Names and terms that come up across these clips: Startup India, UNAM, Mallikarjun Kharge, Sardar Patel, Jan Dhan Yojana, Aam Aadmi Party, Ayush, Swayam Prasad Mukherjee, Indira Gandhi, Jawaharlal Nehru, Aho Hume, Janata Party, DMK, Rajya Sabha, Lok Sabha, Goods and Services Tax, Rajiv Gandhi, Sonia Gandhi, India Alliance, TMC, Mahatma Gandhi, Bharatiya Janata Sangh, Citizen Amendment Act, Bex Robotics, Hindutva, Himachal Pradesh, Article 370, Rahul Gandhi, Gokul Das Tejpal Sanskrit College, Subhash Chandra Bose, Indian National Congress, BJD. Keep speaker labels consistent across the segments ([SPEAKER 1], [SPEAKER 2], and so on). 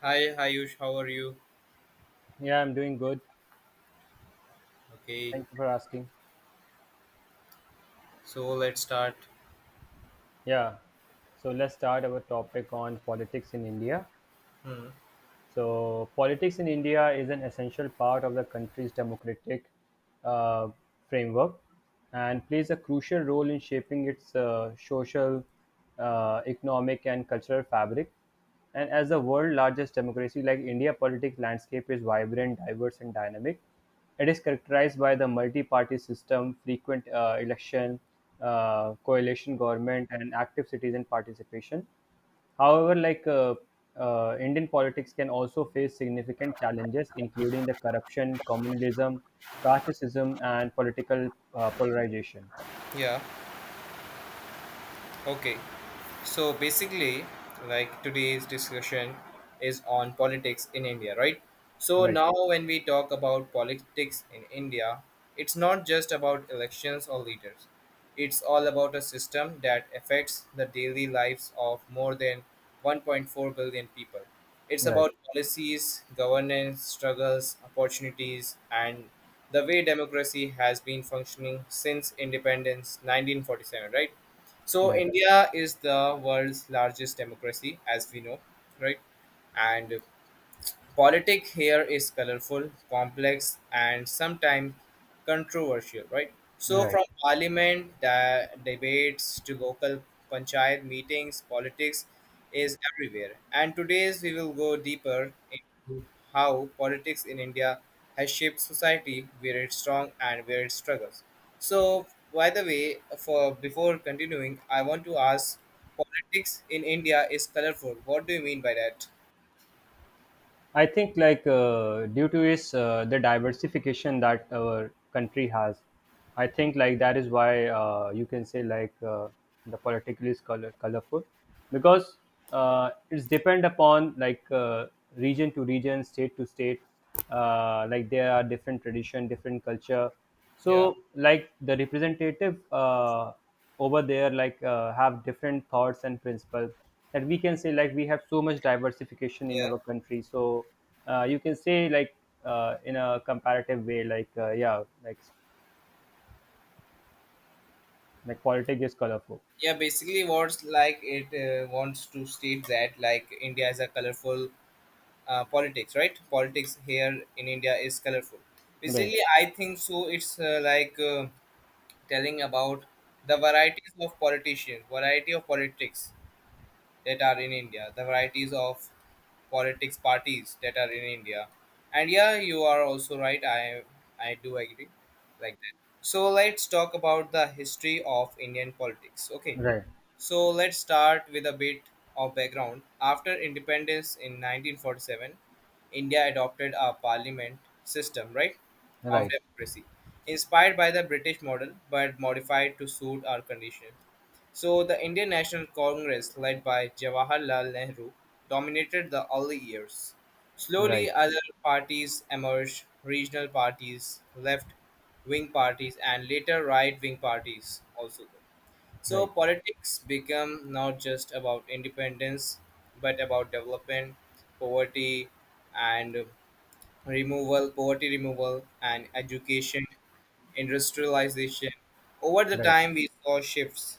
[SPEAKER 1] Hi, Ayush, how are you?
[SPEAKER 2] Yeah, I'm doing good.
[SPEAKER 1] Okay,
[SPEAKER 2] Thank you for asking.
[SPEAKER 1] so let's start.
[SPEAKER 2] Yeah. So let's start our topic on politics in India.
[SPEAKER 1] Hmm.
[SPEAKER 2] So, politics in India is an essential part of the country's democratic uh, framework and plays a crucial role in shaping its social, economic, and cultural fabric. And as the world's largest democracy, like India, politics landscape is vibrant, diverse, and dynamic. It is characterized by the multi-party system, frequent election, coalition government, and active citizen participation. However, like Indian politics can also face significant challenges, including the corruption, communalism, casteism, and political polarization.
[SPEAKER 1] Yeah, okay. So basically, like today's discussion is on politics in India, right? So
[SPEAKER 2] Right,
[SPEAKER 1] now, when we talk about politics in India, it's not just about elections or leaders. It's all about a system that affects the daily lives of more than 1.4 billion people. It's
[SPEAKER 2] right,
[SPEAKER 1] about policies, governance, struggles, opportunities, and the way democracy has been functioning since independence 1947, right? So
[SPEAKER 2] right,
[SPEAKER 1] India is the world's largest democracy, as we know, right? And politics here is colorful, complex, and sometimes controversial, right? So,
[SPEAKER 2] right.
[SPEAKER 1] from parliament debates to local panchayat meetings, politics is everywhere. And today we will go deeper into how politics in India has shaped society, where it's strong and where it struggles. So, by the way, for before continuing, I want to ask: politics in India is colorful. What do you mean by that?
[SPEAKER 2] I think, like due to is the diversification that our country has, I think like that is why you can say like the political is colorful because it's depend upon like region to region, state to state. Like there are different tradition different culture,
[SPEAKER 1] Yeah,
[SPEAKER 2] so like the representative over there like have different thoughts and principles, that we can say like we have so much diversification in
[SPEAKER 1] yeah.
[SPEAKER 2] our country. So you can say like in a comparative way like yeah like politics is colorful.
[SPEAKER 1] Yeah, basically what's like it wants to state that like India is a colorful politics, right? Politics here in India is colorful.
[SPEAKER 2] Right,
[SPEAKER 1] Basically, I think so it's telling about the varieties of politicians, variety of politics that are in India, the varieties of politics parties that are in India. And yeah, you are also right. I do agree like that. So let's talk about the history of Indian politics. Okay,
[SPEAKER 2] right,
[SPEAKER 1] so let's start with a bit of background. After independence in 1947, India adopted a parliament system, right, of
[SPEAKER 2] right,
[SPEAKER 1] democracy, inspired by the British model but modified to suit our conditions. So the Indian National Congress, led by Jawaharlal Nehru, dominated the early years.
[SPEAKER 2] right,
[SPEAKER 1] Slowly, other parties emerged regional parties, left wing parties, and later right wing parties also. So
[SPEAKER 2] right,
[SPEAKER 1] politics become not just about independence, but about development, poverty, and removal, poverty removal, and education, industrialization. Over the
[SPEAKER 2] right,
[SPEAKER 1] time, we saw shifts,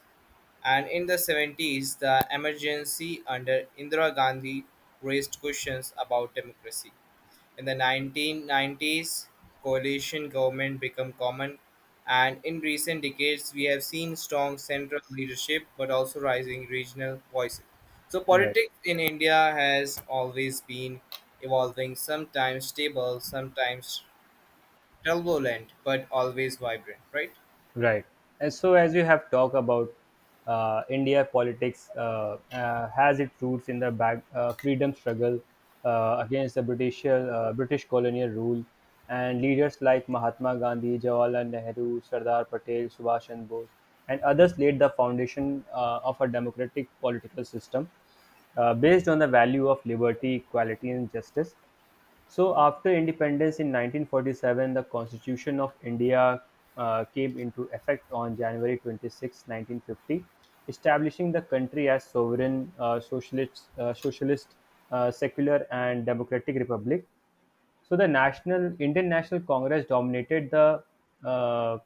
[SPEAKER 1] and in the 70s, the emergency under Indira Gandhi raised questions about democracy. In the 1990s, coalition government became common, and in recent decades, we have seen strong central leadership but also rising regional voices. So,
[SPEAKER 2] right.
[SPEAKER 1] politics in India has always been evolving, sometimes stable, sometimes turbulent, but always vibrant, right?
[SPEAKER 2] Right. And so, as you have talked about India politics, has its roots in the freedom struggle against the British colonial rule, and leaders like Mahatma Gandhi, Jawaharlal Nehru, Sardar Patel, Subhash Chandra Bose, and others laid the foundation of a democratic political system based on the value of liberty, equality, and justice. So, after independence in 1947, the Constitution of India came into effect on January 26, 1950, establishing the country as sovereign, uh, socialist, secular, and democratic republic. So the national Indian National Congress dominated the uh,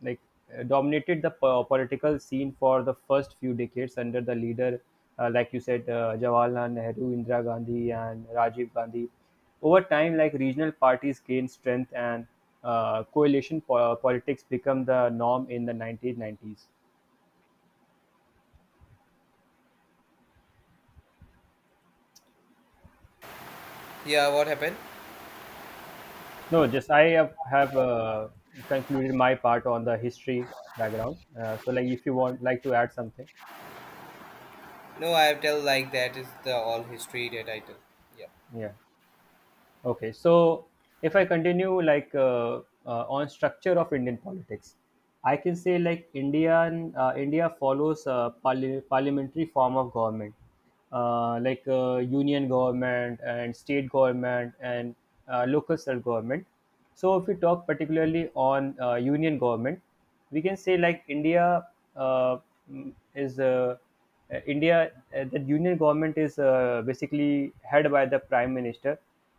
[SPEAKER 2] like dominated the political scene for the first few decades under the leader, like you said, Jawaharlal Nehru, Indira Gandhi, and Rajiv Gandhi. Over time, like regional parties gained strength, and coalition politics become the norm in the 1990s.
[SPEAKER 1] Yeah, what happened?
[SPEAKER 2] No, just I have concluded my part on the history background. So, like, if you want, like to add something,
[SPEAKER 1] No, I tell like that is the all history that I tell. Yeah.
[SPEAKER 2] yeah. Okay, so if I continue like on structure of Indian politics, I can say like India follows a parliamentary form of government, like union government and state government, and local self government. So if we talk particularly on union government, we can say like India uh, mm, is India the union government is basically head by the prime minister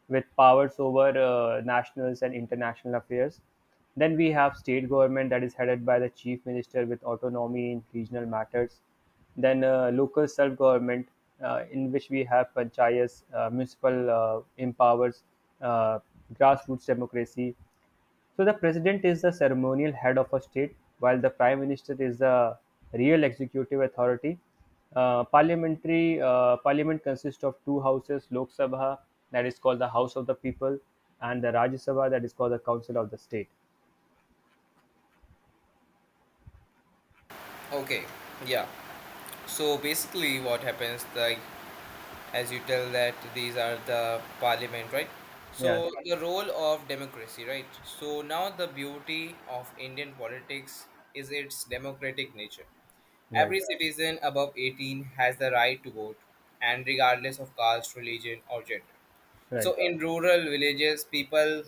[SPEAKER 2] with powers over nationals and international affairs. Then we have state government that is headed by the chief minister with autonomy in regional matters, then local self-government, in which we have panchayats, municipal empowers, uh, grassroots democracy. So the president is the ceremonial head of a state, while the prime minister is the real executive authority. Parliament consists of two houses: Lok Sabha, that is called the House of the People, and the Rajya Sabha, that is called the Council of the State.
[SPEAKER 1] Okay, yeah. So basically, what happens like as you tell that these are the parliament, right?
[SPEAKER 2] Yeah,
[SPEAKER 1] So the role of democracy, right? So now the beauty of Indian politics is its democratic nature.
[SPEAKER 2] right,
[SPEAKER 1] Every citizen above 18 has the right to vote, and regardless of caste, religion or gender, so
[SPEAKER 2] right,
[SPEAKER 1] in rural villages people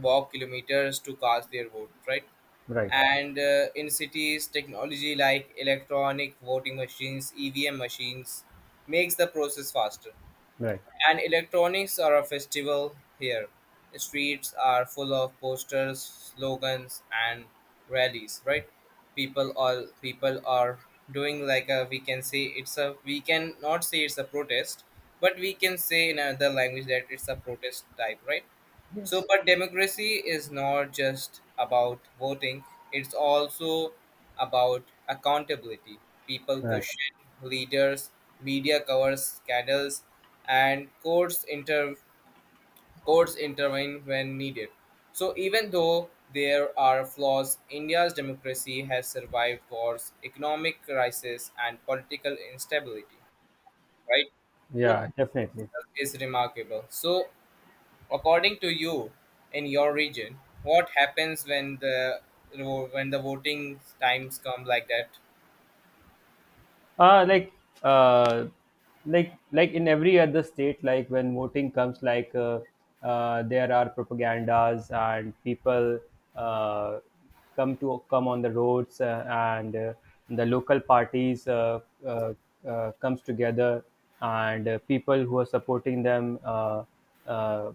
[SPEAKER 1] walk kilometers to cast their vote, right?
[SPEAKER 2] right,
[SPEAKER 1] And in cities technology like electronic voting machines, EVM machines, makes the process faster.
[SPEAKER 2] right.
[SPEAKER 1] And electronics are a festival here. The streets are full of posters, slogans, and rallies. Right? People, all people are doing like a, we can say it's a, we can not say it's a protest, but we can say in another language that it's a protest type. Right? So,
[SPEAKER 2] Yes.
[SPEAKER 1] but democracy is not just about voting, it's also about accountability. People
[SPEAKER 2] Right.
[SPEAKER 1] question leaders, media covers scandals, and courts, courts intervene when needed. So, even though there are flaws, India's democracy has survived wars, economic crisis, and political instability, right? So,
[SPEAKER 2] Yeah, definitely.
[SPEAKER 1] itself is remarkable. So, according to you, in your region, what happens when the voting times come like that?
[SPEAKER 2] uh like uh like like in every other state like when voting comes like there are propagandas and people uh come to come on the roads, and the local parties uh, comes together, and people who are supporting them uh,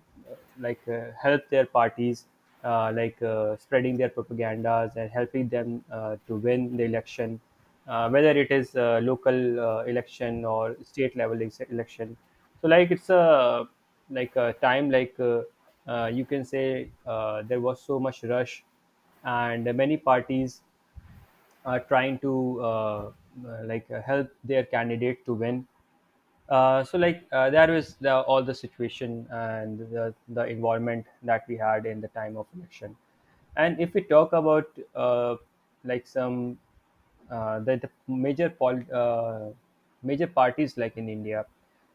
[SPEAKER 2] help their parties spreading their propagandas and helping them to win the election, whether it is local election or state level election. So like it's a like a time, you can say there was so much rush, and many parties are trying to help their candidate to win. So like there was all the situation and the involvement that we had in the time of election. And if we talk about like some the major pol- major parties like in india,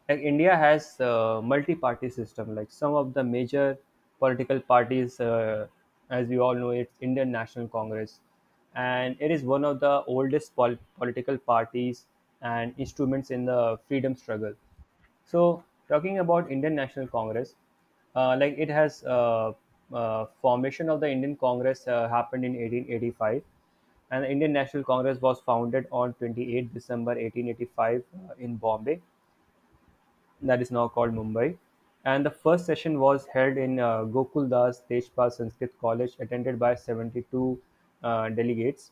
[SPEAKER 2] like India has multi-party system. Like some of the major political parties, as we all know, it's Indian National Congress, and it is one of the oldest political parties and instruments in the freedom struggle. So, talking about Indian National Congress, like it has formation of the Indian Congress happened in 1885, and the Indian National Congress was founded on 28 December 1885 in Bombay, that is now called Mumbai. And the first session was held in Gokul Das Tejpal Sanskrit College, attended by 72 delegates.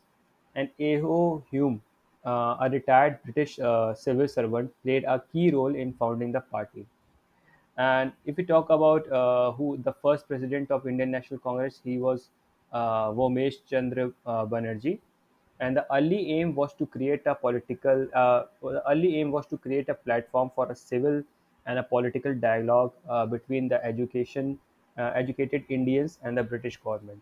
[SPEAKER 2] And Aho Hume, a retired British civil servant, played a key role in founding the party. And if we talk about who the first president of Indian National Congress, he was Vomesh Chandra Banerjee. And the early aim was to create a the early aim was to create a platform for a civil and a political dialogue between the educated Indians and the British government.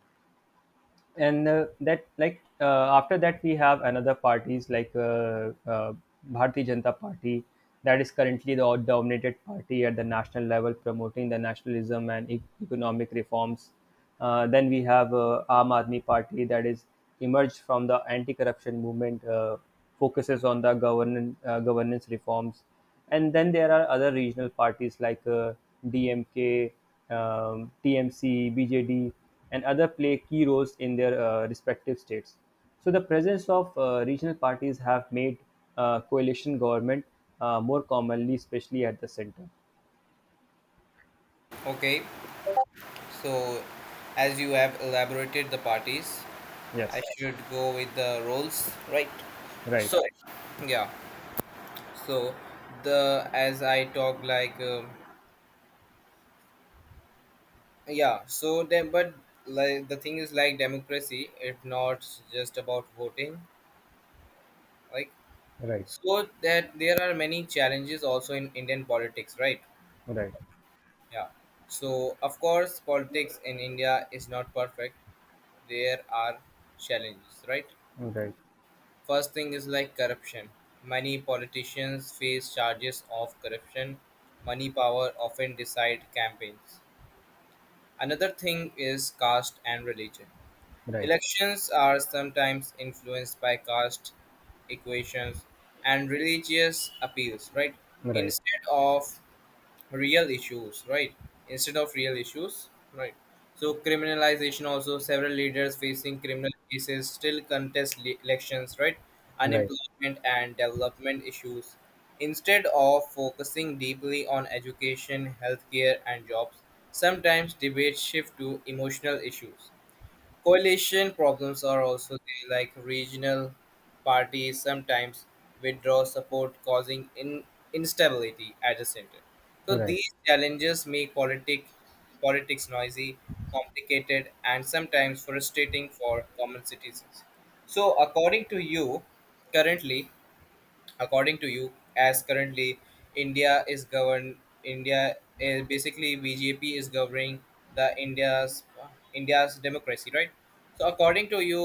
[SPEAKER 2] And that like after that we have another parties like Bharatiya Janata Party, that is currently the dominated party at the national level promoting the nationalism and economic reforms. Then we have Aam Aadmi Party, that is emerged from the anti-corruption movement, focuses on the governance reforms, and then there are other regional parties like DMK, TMC, BJD, and other play key roles in their respective states. So the presence of regional parties have made coalition government more commonly, especially at the center.
[SPEAKER 1] Okay, so as you have elaborated the parties, I
[SPEAKER 2] Yes,
[SPEAKER 1] should go with the roles, right?
[SPEAKER 2] right,
[SPEAKER 1] So, yeah. So the as I talk like yeah. So then, but like the thing is like democracy. It's not just about voting. Like
[SPEAKER 2] right,
[SPEAKER 1] so that there are many challenges also in Indian politics, right?
[SPEAKER 2] right,
[SPEAKER 1] Yeah. So, of course, politics in India is not perfect. There are challenges, right?
[SPEAKER 2] right,
[SPEAKER 1] First thing is like corruption. Many politicians face charges of corruption. Money power often decide campaigns. Another thing is caste and religion.
[SPEAKER 2] right,
[SPEAKER 1] Elections are sometimes influenced by caste equations and religious appeals, right?
[SPEAKER 2] right,
[SPEAKER 1] Instead of real issues, right, instead of real issues, right? So criminalization also, several leaders facing criminal cases still contest elections, right?
[SPEAKER 2] right,
[SPEAKER 1] Unemployment and development issues, instead of focusing deeply on education, healthcare and jobs, sometimes debates shift to emotional issues. Coalition problems are also there, like regional parties sometimes withdraw support, causing instability at the center. So
[SPEAKER 2] right.
[SPEAKER 1] these challenges make politics noisy, complicated, and sometimes frustrating for common citizens. So, according to you, currently, according to you as currently India is governed, India is basically BJP is governing the India's India's democracy, right? So according to you,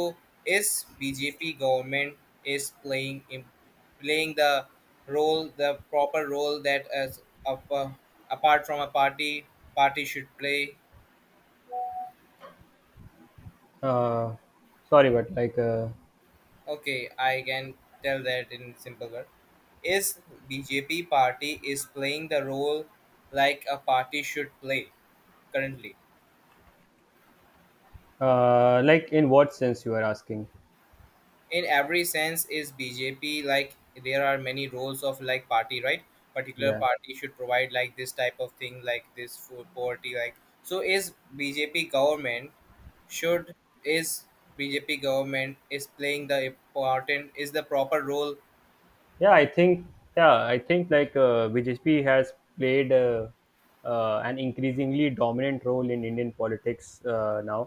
[SPEAKER 1] is BJP government is playing playing the role, the proper role that as apart from a party, party should play.
[SPEAKER 2] Uh, sorry, but like,
[SPEAKER 1] Okay, I can tell that in simple word. Is BJP party is playing the role like a party should play currently.
[SPEAKER 2] uh, like in what sense you are asking?
[SPEAKER 1] In every sense, is BJP like there are many roles of like party, right? Particular
[SPEAKER 2] yeah,
[SPEAKER 1] party should provide like this type of thing, like this food poverty, like so. Is BJP government should, is BJP government is playing the important, is the proper role?
[SPEAKER 2] yeah i think yeah, I think like bjp has played an increasingly dominant role in indian politics now,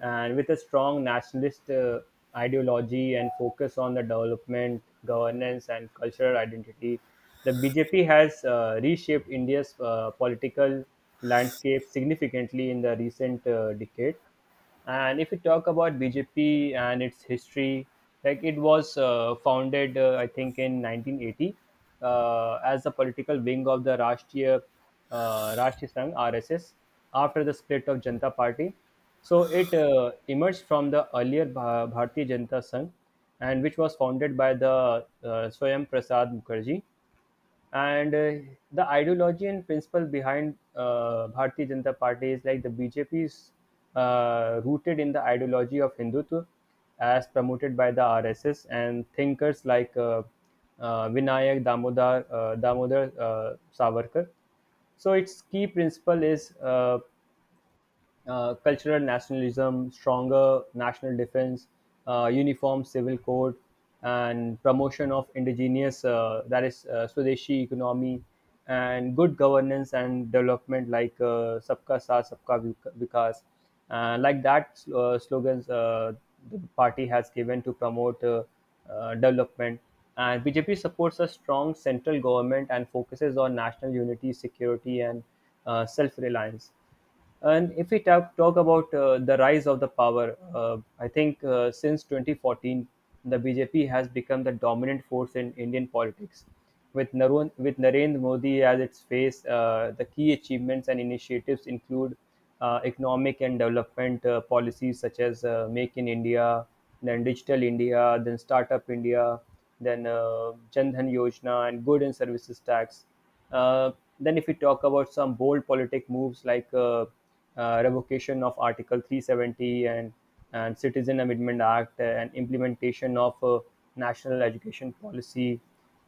[SPEAKER 2] and with a strong nationalist ideology and focus on the development governance and cultural identity, the bjp has reshaped india's political landscape significantly in the recent decade. And if we talk about BJP and its history, like it was founded, I think, in 1980 as a political wing of the Rashtriya Sangh (RSS) after the split of Janata Party. So it emerged from the earlier Bharatiya Janata Sangh, and which was founded by the Swayam Prasad Mukherjee. And the ideology and principle behind Bharatiya Janata Party is like the BJP is rooted in the ideology of Hindutva as promoted by the RSS and thinkers like Vinayak Damodar, Damodar Savarkar. So its key principle is cultural nationalism, stronger national defense, uniform civil code, and promotion of indigenous, that is, Swadeshi economy, and good governance and development like Sabka Saath, Sabka Vikas. Like that slogans the party has given to promote development. And BJP supports a strong central government and focuses on national unity, security, and self-reliance. And if we talk about the rise of the power, I think since 2014, the BJP has become the dominant force in Indian politics. With, Narendra Modi as its face, the key achievements and initiatives include economic and development policies such as Make in India, then Digital India, then Startup India, then Jan Dhan Yojana, and Good and Services Tax. uh, then, if we talk about some bold politic moves like revocation of Article 370, and Citizen Amendment Act, and implementation of national education policy.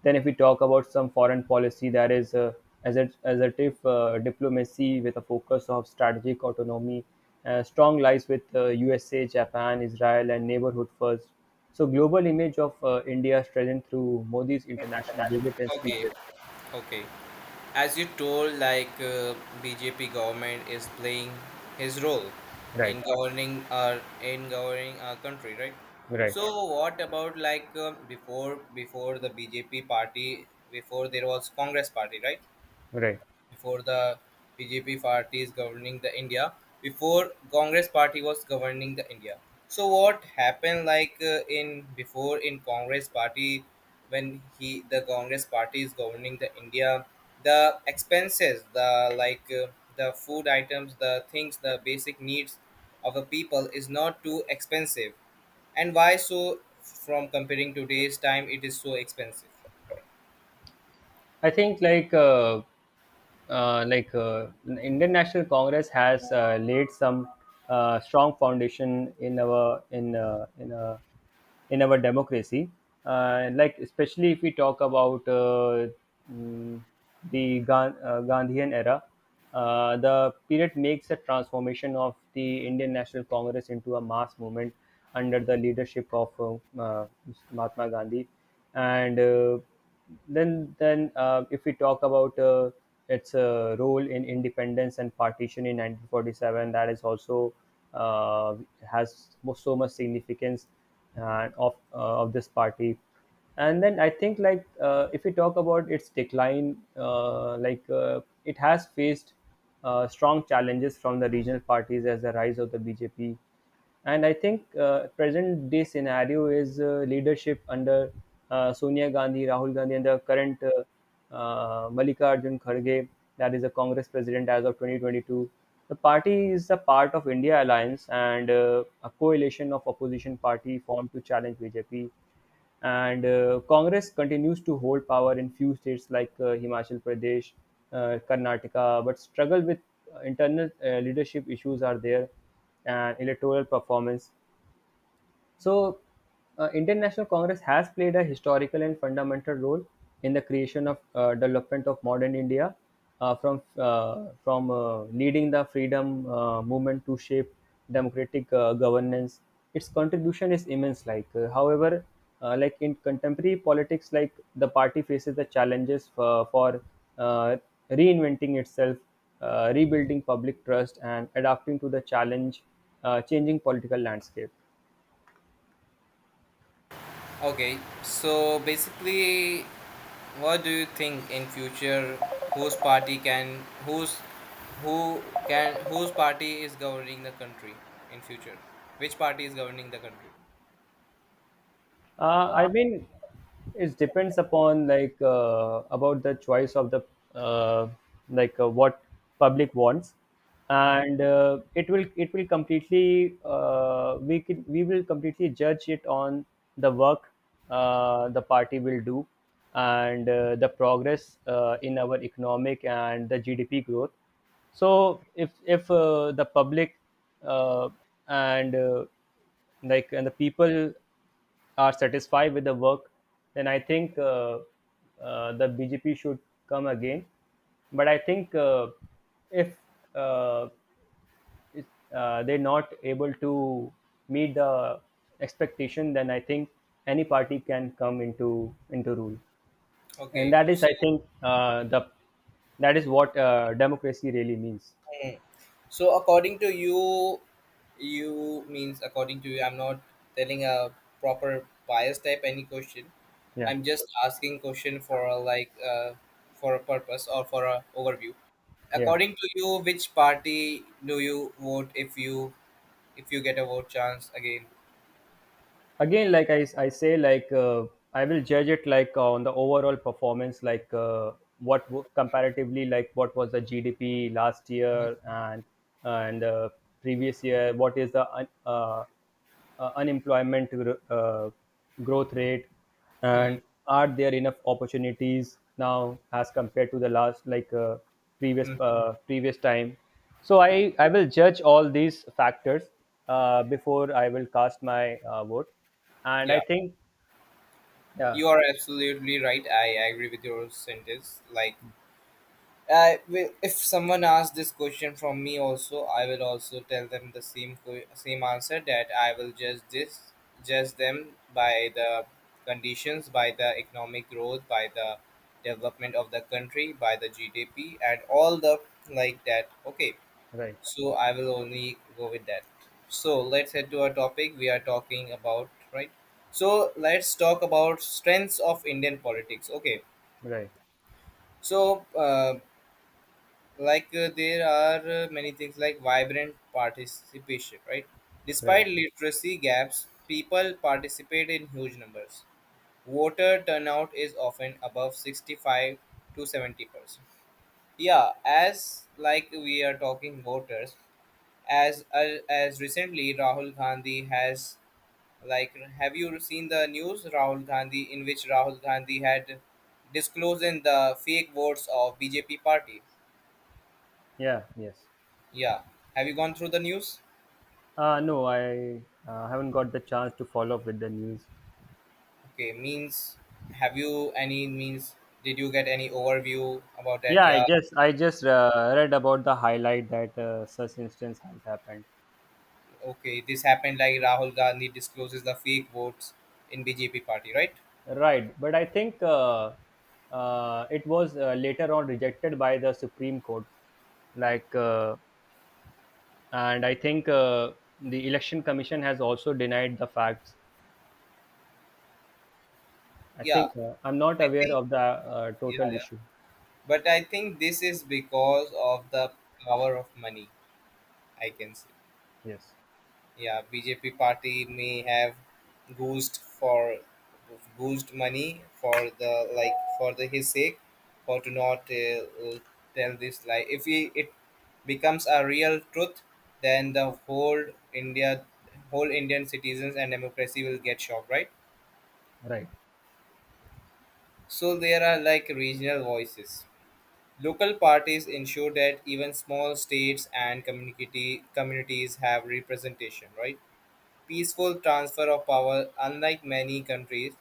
[SPEAKER 2] Then if we talk about some foreign policy, that is assertive diplomacy with a focus of strategic autonomy, strong lies with USA, Japan, Israel, and neighborhood first. So, global image of India strengthened through Modi's international visit and
[SPEAKER 1] Okay,
[SPEAKER 2] speeches.
[SPEAKER 1] okay. As you told, like BJP government is playing his role
[SPEAKER 2] Right.
[SPEAKER 1] in governing our country, right?
[SPEAKER 2] Right,
[SPEAKER 1] So yeah, what about like before before the BJP party? Before there was Congress party, right?
[SPEAKER 2] right.
[SPEAKER 1] Before the BJP party is governing the India, before Congress party was governing the India. So what happened like in before in Congress party when he the Congress party is governing the India, the expenses, the like the food items, the things, the basic needs of the people is not too expensive. And why so from comparing today's time it is so expensive?
[SPEAKER 2] I think like Indian National Congress has laid some strong foundation in our democracy. Like especially if we talk about mm, the Gandhian era, the period makes a transformation of the Indian National Congress into a mass movement under the leadership of Mahatma Gandhi and. Then if we talk about its role in independence and partition in 1947, that is also uh, has so much significance of of this party. And then I think if we talk about its decline, it has faced strong challenges from the regional parties as the rise of the bjp. And I think present day scenario is leadership under Sonia Gandhi, Rahul Gandhi, and the current Mallikarjun Kharge, that is the Congress president as of 2022. The party is a part of India Alliance and a coalition of opposition party formed to challenge BJP. And Congress continues to hold power in few states like Himachal Pradesh, Karnataka, but struggle with internal leadership issues are there and electoral performance. So, International Congress has played a historical and fundamental role in the creation of development of modern India, from leading the freedom movement to shape democratic governance. Its contribution is immense. However, in contemporary politics, like the party faces the challenges for uh, reinventing itself, rebuilding public trust, and adapting to the challenge, changing political landscape.
[SPEAKER 1] Okay, so basically, what do you think in future? Whose party can, whose, who can, whose party is governing the country in future? Which party is governing the country?
[SPEAKER 2] I mean, it depends upon about the choice of the uh, what public wants,
[SPEAKER 1] Hmm.
[SPEAKER 2] and it will completely we will completely judge it on the work the party will do and the progress in our economic and the GDP growth. So if the public uh, and uh, and the people are satisfied with the work, then I think the BJP should come again. But I think if uh, it, they're not able to meet the expectation, then I think any party can come into rule, and
[SPEAKER 1] Okay.
[SPEAKER 2] that is, I think, the that is what democracy really means.
[SPEAKER 1] Mm. So according to you, you means according to you, I'm not telling a proper bias type any question.
[SPEAKER 2] Yeah,
[SPEAKER 1] I'm just asking question for a, like for a purpose or for a overview.
[SPEAKER 2] yeah.
[SPEAKER 1] According to you, which party do you vote if you get a vote chance again?
[SPEAKER 2] I say I will judge it on the overall performance what comparatively like what was the gdp last
[SPEAKER 1] Mhm.
[SPEAKER 2] year and previous year what is the unemployment growth rate
[SPEAKER 1] Hmm.
[SPEAKER 2] and are there enough opportunities now as compared to the last
[SPEAKER 1] Hmm.
[SPEAKER 2] previous time. So I will judge all these factors before I will cast my vote, and
[SPEAKER 1] Yeah,
[SPEAKER 2] I think yeah.
[SPEAKER 1] you are absolutely right. I agree with your sentence. Like I will, if someone asks this question from me also, I will also tell them the same same answer that I will judge this, judge them by the conditions, by the economic growth, by the development of the country, by the GDP, and all the like that. Okay,
[SPEAKER 2] Right,
[SPEAKER 1] so I will only go with that. So let's head to our topic. We are talking about, right. So let's talk about strengths of Indian politics. Okay,
[SPEAKER 2] right,
[SPEAKER 1] so. There are many things like vibrant participation, right?
[SPEAKER 2] right.
[SPEAKER 1] Despite literacy gaps, people participate in huge numbers. Voter turnout is often above 65 to 70%. Yeah, as like we are talking voters as recently Rahul Gandhi has, like, have you seen the news Rahul Gandhi in which Rahul Gandhi had disclosed in the fake votes of BJP party?
[SPEAKER 2] Yeah, yes.
[SPEAKER 1] Yeah, have you gone through the news?
[SPEAKER 2] No, I haven't got the chance to follow up with the news.
[SPEAKER 1] Okay, means have you any means did you get any overview about that?
[SPEAKER 2] Yeah, I
[SPEAKER 1] Yeah,
[SPEAKER 2] just read about the highlight that such instance has happened.
[SPEAKER 1] okay, this happened like Rahul Gandhi discloses the fake votes in BJP party, right?
[SPEAKER 2] Right, but I think it was later on rejected by the Supreme Court. Like, uh, and I think the Election Commission has also denied the facts. I
[SPEAKER 1] Yeah,
[SPEAKER 2] think I'm not
[SPEAKER 1] I
[SPEAKER 2] aware
[SPEAKER 1] think
[SPEAKER 2] of the
[SPEAKER 1] yeah,
[SPEAKER 2] total
[SPEAKER 1] yeah.
[SPEAKER 2] issue.
[SPEAKER 1] But I think this is because of the power of money, I can say.
[SPEAKER 2] Yes,
[SPEAKER 1] Yeah, BJP party may have goosed for, goosed money for the like for the his sake for to not uh, tell this lie. If he, it becomes a real truth, then the whole India, whole Indian citizens and democracy will get shocked, right?
[SPEAKER 2] right,
[SPEAKER 1] So there are like regional voices. Local parties ensure that even small states and community, communities have representation, right? Peaceful transfer of power. Unlike many countries,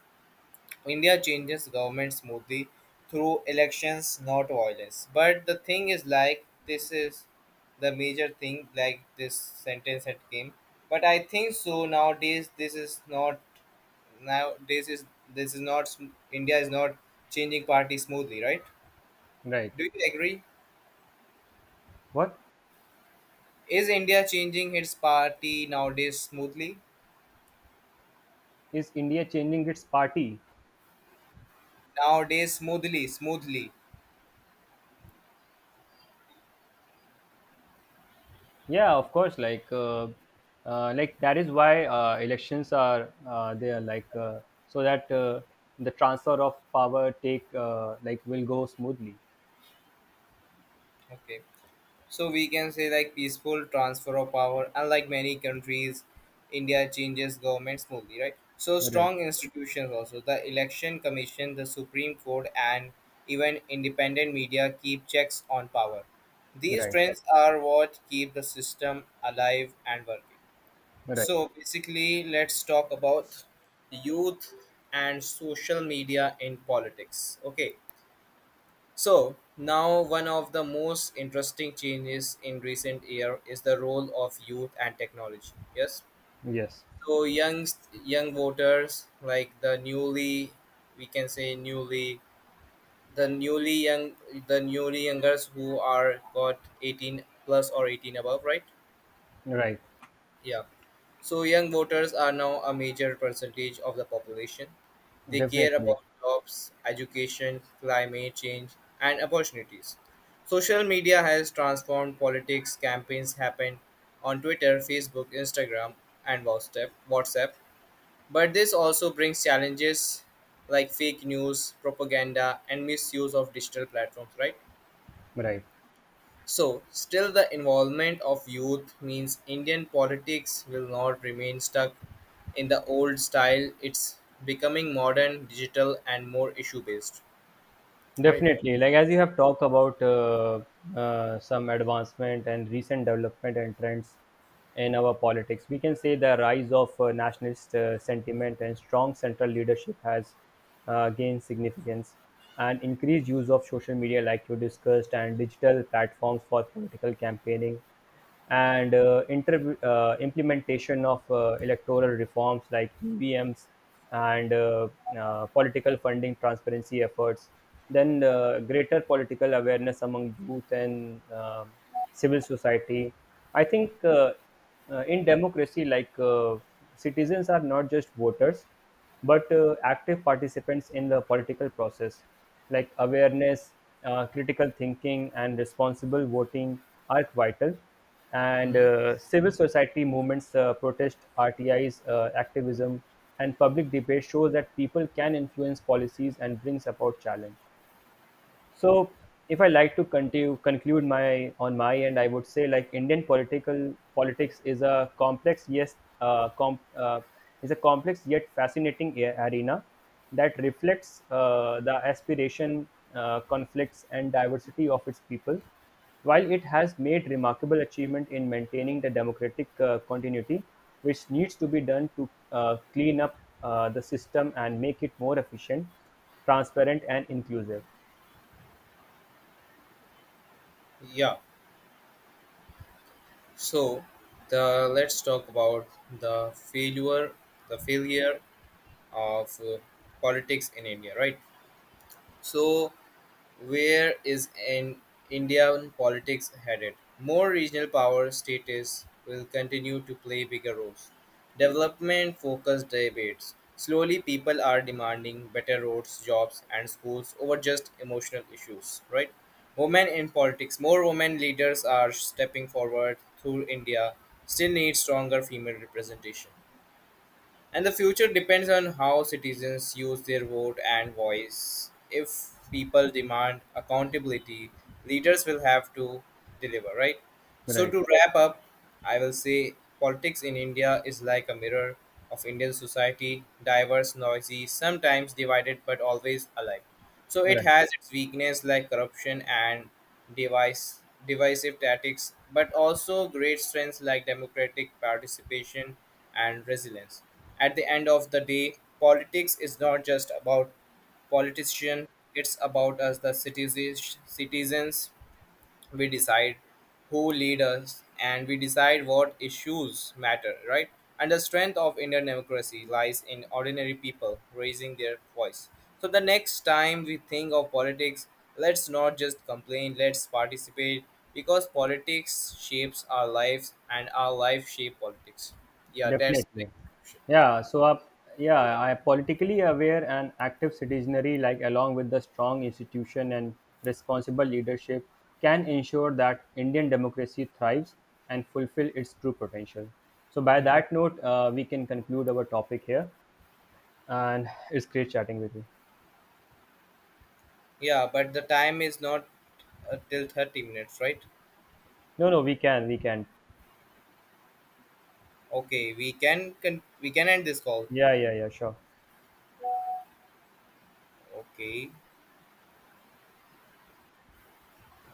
[SPEAKER 1] India changes government smoothly through elections, not violence. But the thing is, like, this is the major thing, like this sentence had came. But I think so nowadays. This is not nowadays is this is not India is not changing party smoothly, right?
[SPEAKER 2] right.
[SPEAKER 1] Do you agree?
[SPEAKER 2] What
[SPEAKER 1] Is India changing its party nowadays smoothly?
[SPEAKER 2] is India changing its party?
[SPEAKER 1] Nowadays, smoothly, smoothly.
[SPEAKER 2] Yeah, of course. That is why elections are there. So that the transfer of power take will go smoothly.
[SPEAKER 1] Okay. So we can say like peaceful transfer of power. Unlike many countries, India changes government smoothly, right? So
[SPEAKER 2] Right.
[SPEAKER 1] strong institutions also, the Election Commission, the Supreme Court, and even independent media keep checks on power. These
[SPEAKER 2] Right.
[SPEAKER 1] trends are what keep the system alive and working.
[SPEAKER 2] Right.
[SPEAKER 1] So basically, let's talk about youth and social media in politics. Okay, so now one of the most interesting changes in recent year is the role of youth and technology. Yes.
[SPEAKER 2] Yes.
[SPEAKER 1] So young, young voters like the newly, we can say newly, the newly young, the newly youngers who are got 18 plus or 18 above, right?
[SPEAKER 2] Right.
[SPEAKER 1] Yeah. So young voters are now a major percentage of the population. They care
[SPEAKER 2] Definitely.
[SPEAKER 1] about jobs, education, climate change, and opportunities. Social media has transformed politics. Campaigns happen on Twitter, Facebook, Instagram, and WhatsApp. WhatsApp. But this also brings challenges like fake news, propaganda, and misuse of digital platforms, right?
[SPEAKER 2] Right.
[SPEAKER 1] So, still, the involvement of youth means Indian politics will not remain stuck in the old style. It's becoming modern, digital, and more issue based. Right?
[SPEAKER 2] Definitely, like as you have talked about some advancement and recent development and trends in our politics, we can say the rise of nationalist sentiment and strong central leadership has gained significance, and increased use of social media, like you discussed, and digital platforms for political campaigning and implementation of electoral reforms like EVMs and political funding transparency efforts, then greater political awareness among youth and civil society. I think in democracy, citizens are not just voters, but active participants in the political process, like awareness, critical thinking, and responsible voting, are vital. And
[SPEAKER 1] Hmm.
[SPEAKER 2] civil society movements, protest, RTIs, activism, and public debate shows that people can influence policies and brings about challenge. So, if I like to conclude my end, I would say like Indian political politics is a complex yes, com, is a complex yet fascinating arena that reflects the aspiration, conflicts, and diversity of its people. While it has made remarkable achievement in maintaining the democratic continuity, which needs to be done to clean up the system and make it more efficient, transparent, and inclusive.
[SPEAKER 1] Yeah. So, the let's talk about the failure, the failure of politics in India. Right? So, where is in Indian politics headed? More regional power status will continue to play bigger roles. Development focused debates. Slowly, people are demanding better roads, jobs, and schools over just emotional issues, right? Women in politics. More women leaders are stepping forward through India. Still need stronger female representation. And the future depends on how citizens use their vote and voice. If people demand accountability, leaders will have to deliver, right? So,
[SPEAKER 2] Right.
[SPEAKER 1] to wrap up, I will say politics in India is like a mirror of Indian society, diverse, noisy, sometimes divided, but always alive. So, it
[SPEAKER 2] Right,
[SPEAKER 1] has its weakness like corruption and device, divisive tactics, but also great strengths like democratic participation and resilience. At the end of the day, politics is not just about politicians, it's about us, the citizens. Citizens, we decide who lead us and we decide what issues matter, right? And the strength of Indian democracy lies in ordinary people raising their voice. So the next time we think of politics, let's not just complain, let's participate, because politics shapes our lives and our life shape politics. Yeah, that's.
[SPEAKER 2] definitely. Yeah, so up, yeah, I politically aware and active citizenry, like along with the strong institution and responsible leadership, can ensure that Indian democracy thrives and fulfill its true potential. So, by
[SPEAKER 1] Hmm.
[SPEAKER 2] that note, we can conclude our topic here, and it's great chatting with you.
[SPEAKER 1] Yeah, but the time is not till 30 minutes, right?
[SPEAKER 2] No, no, We can, we can.
[SPEAKER 1] Okay, we can we can end this call.
[SPEAKER 2] Yeah, yeah, yeah, sure.
[SPEAKER 1] Okay.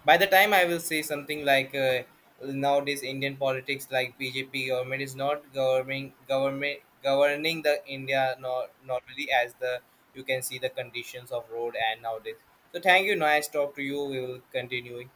[SPEAKER 1] By the time I will say something like nowadays Indian politics like BJP government is not governing, government governing the India nor normally as the you can see the conditions of road and nowadays. So thank you. Nice talk to you. We will continue.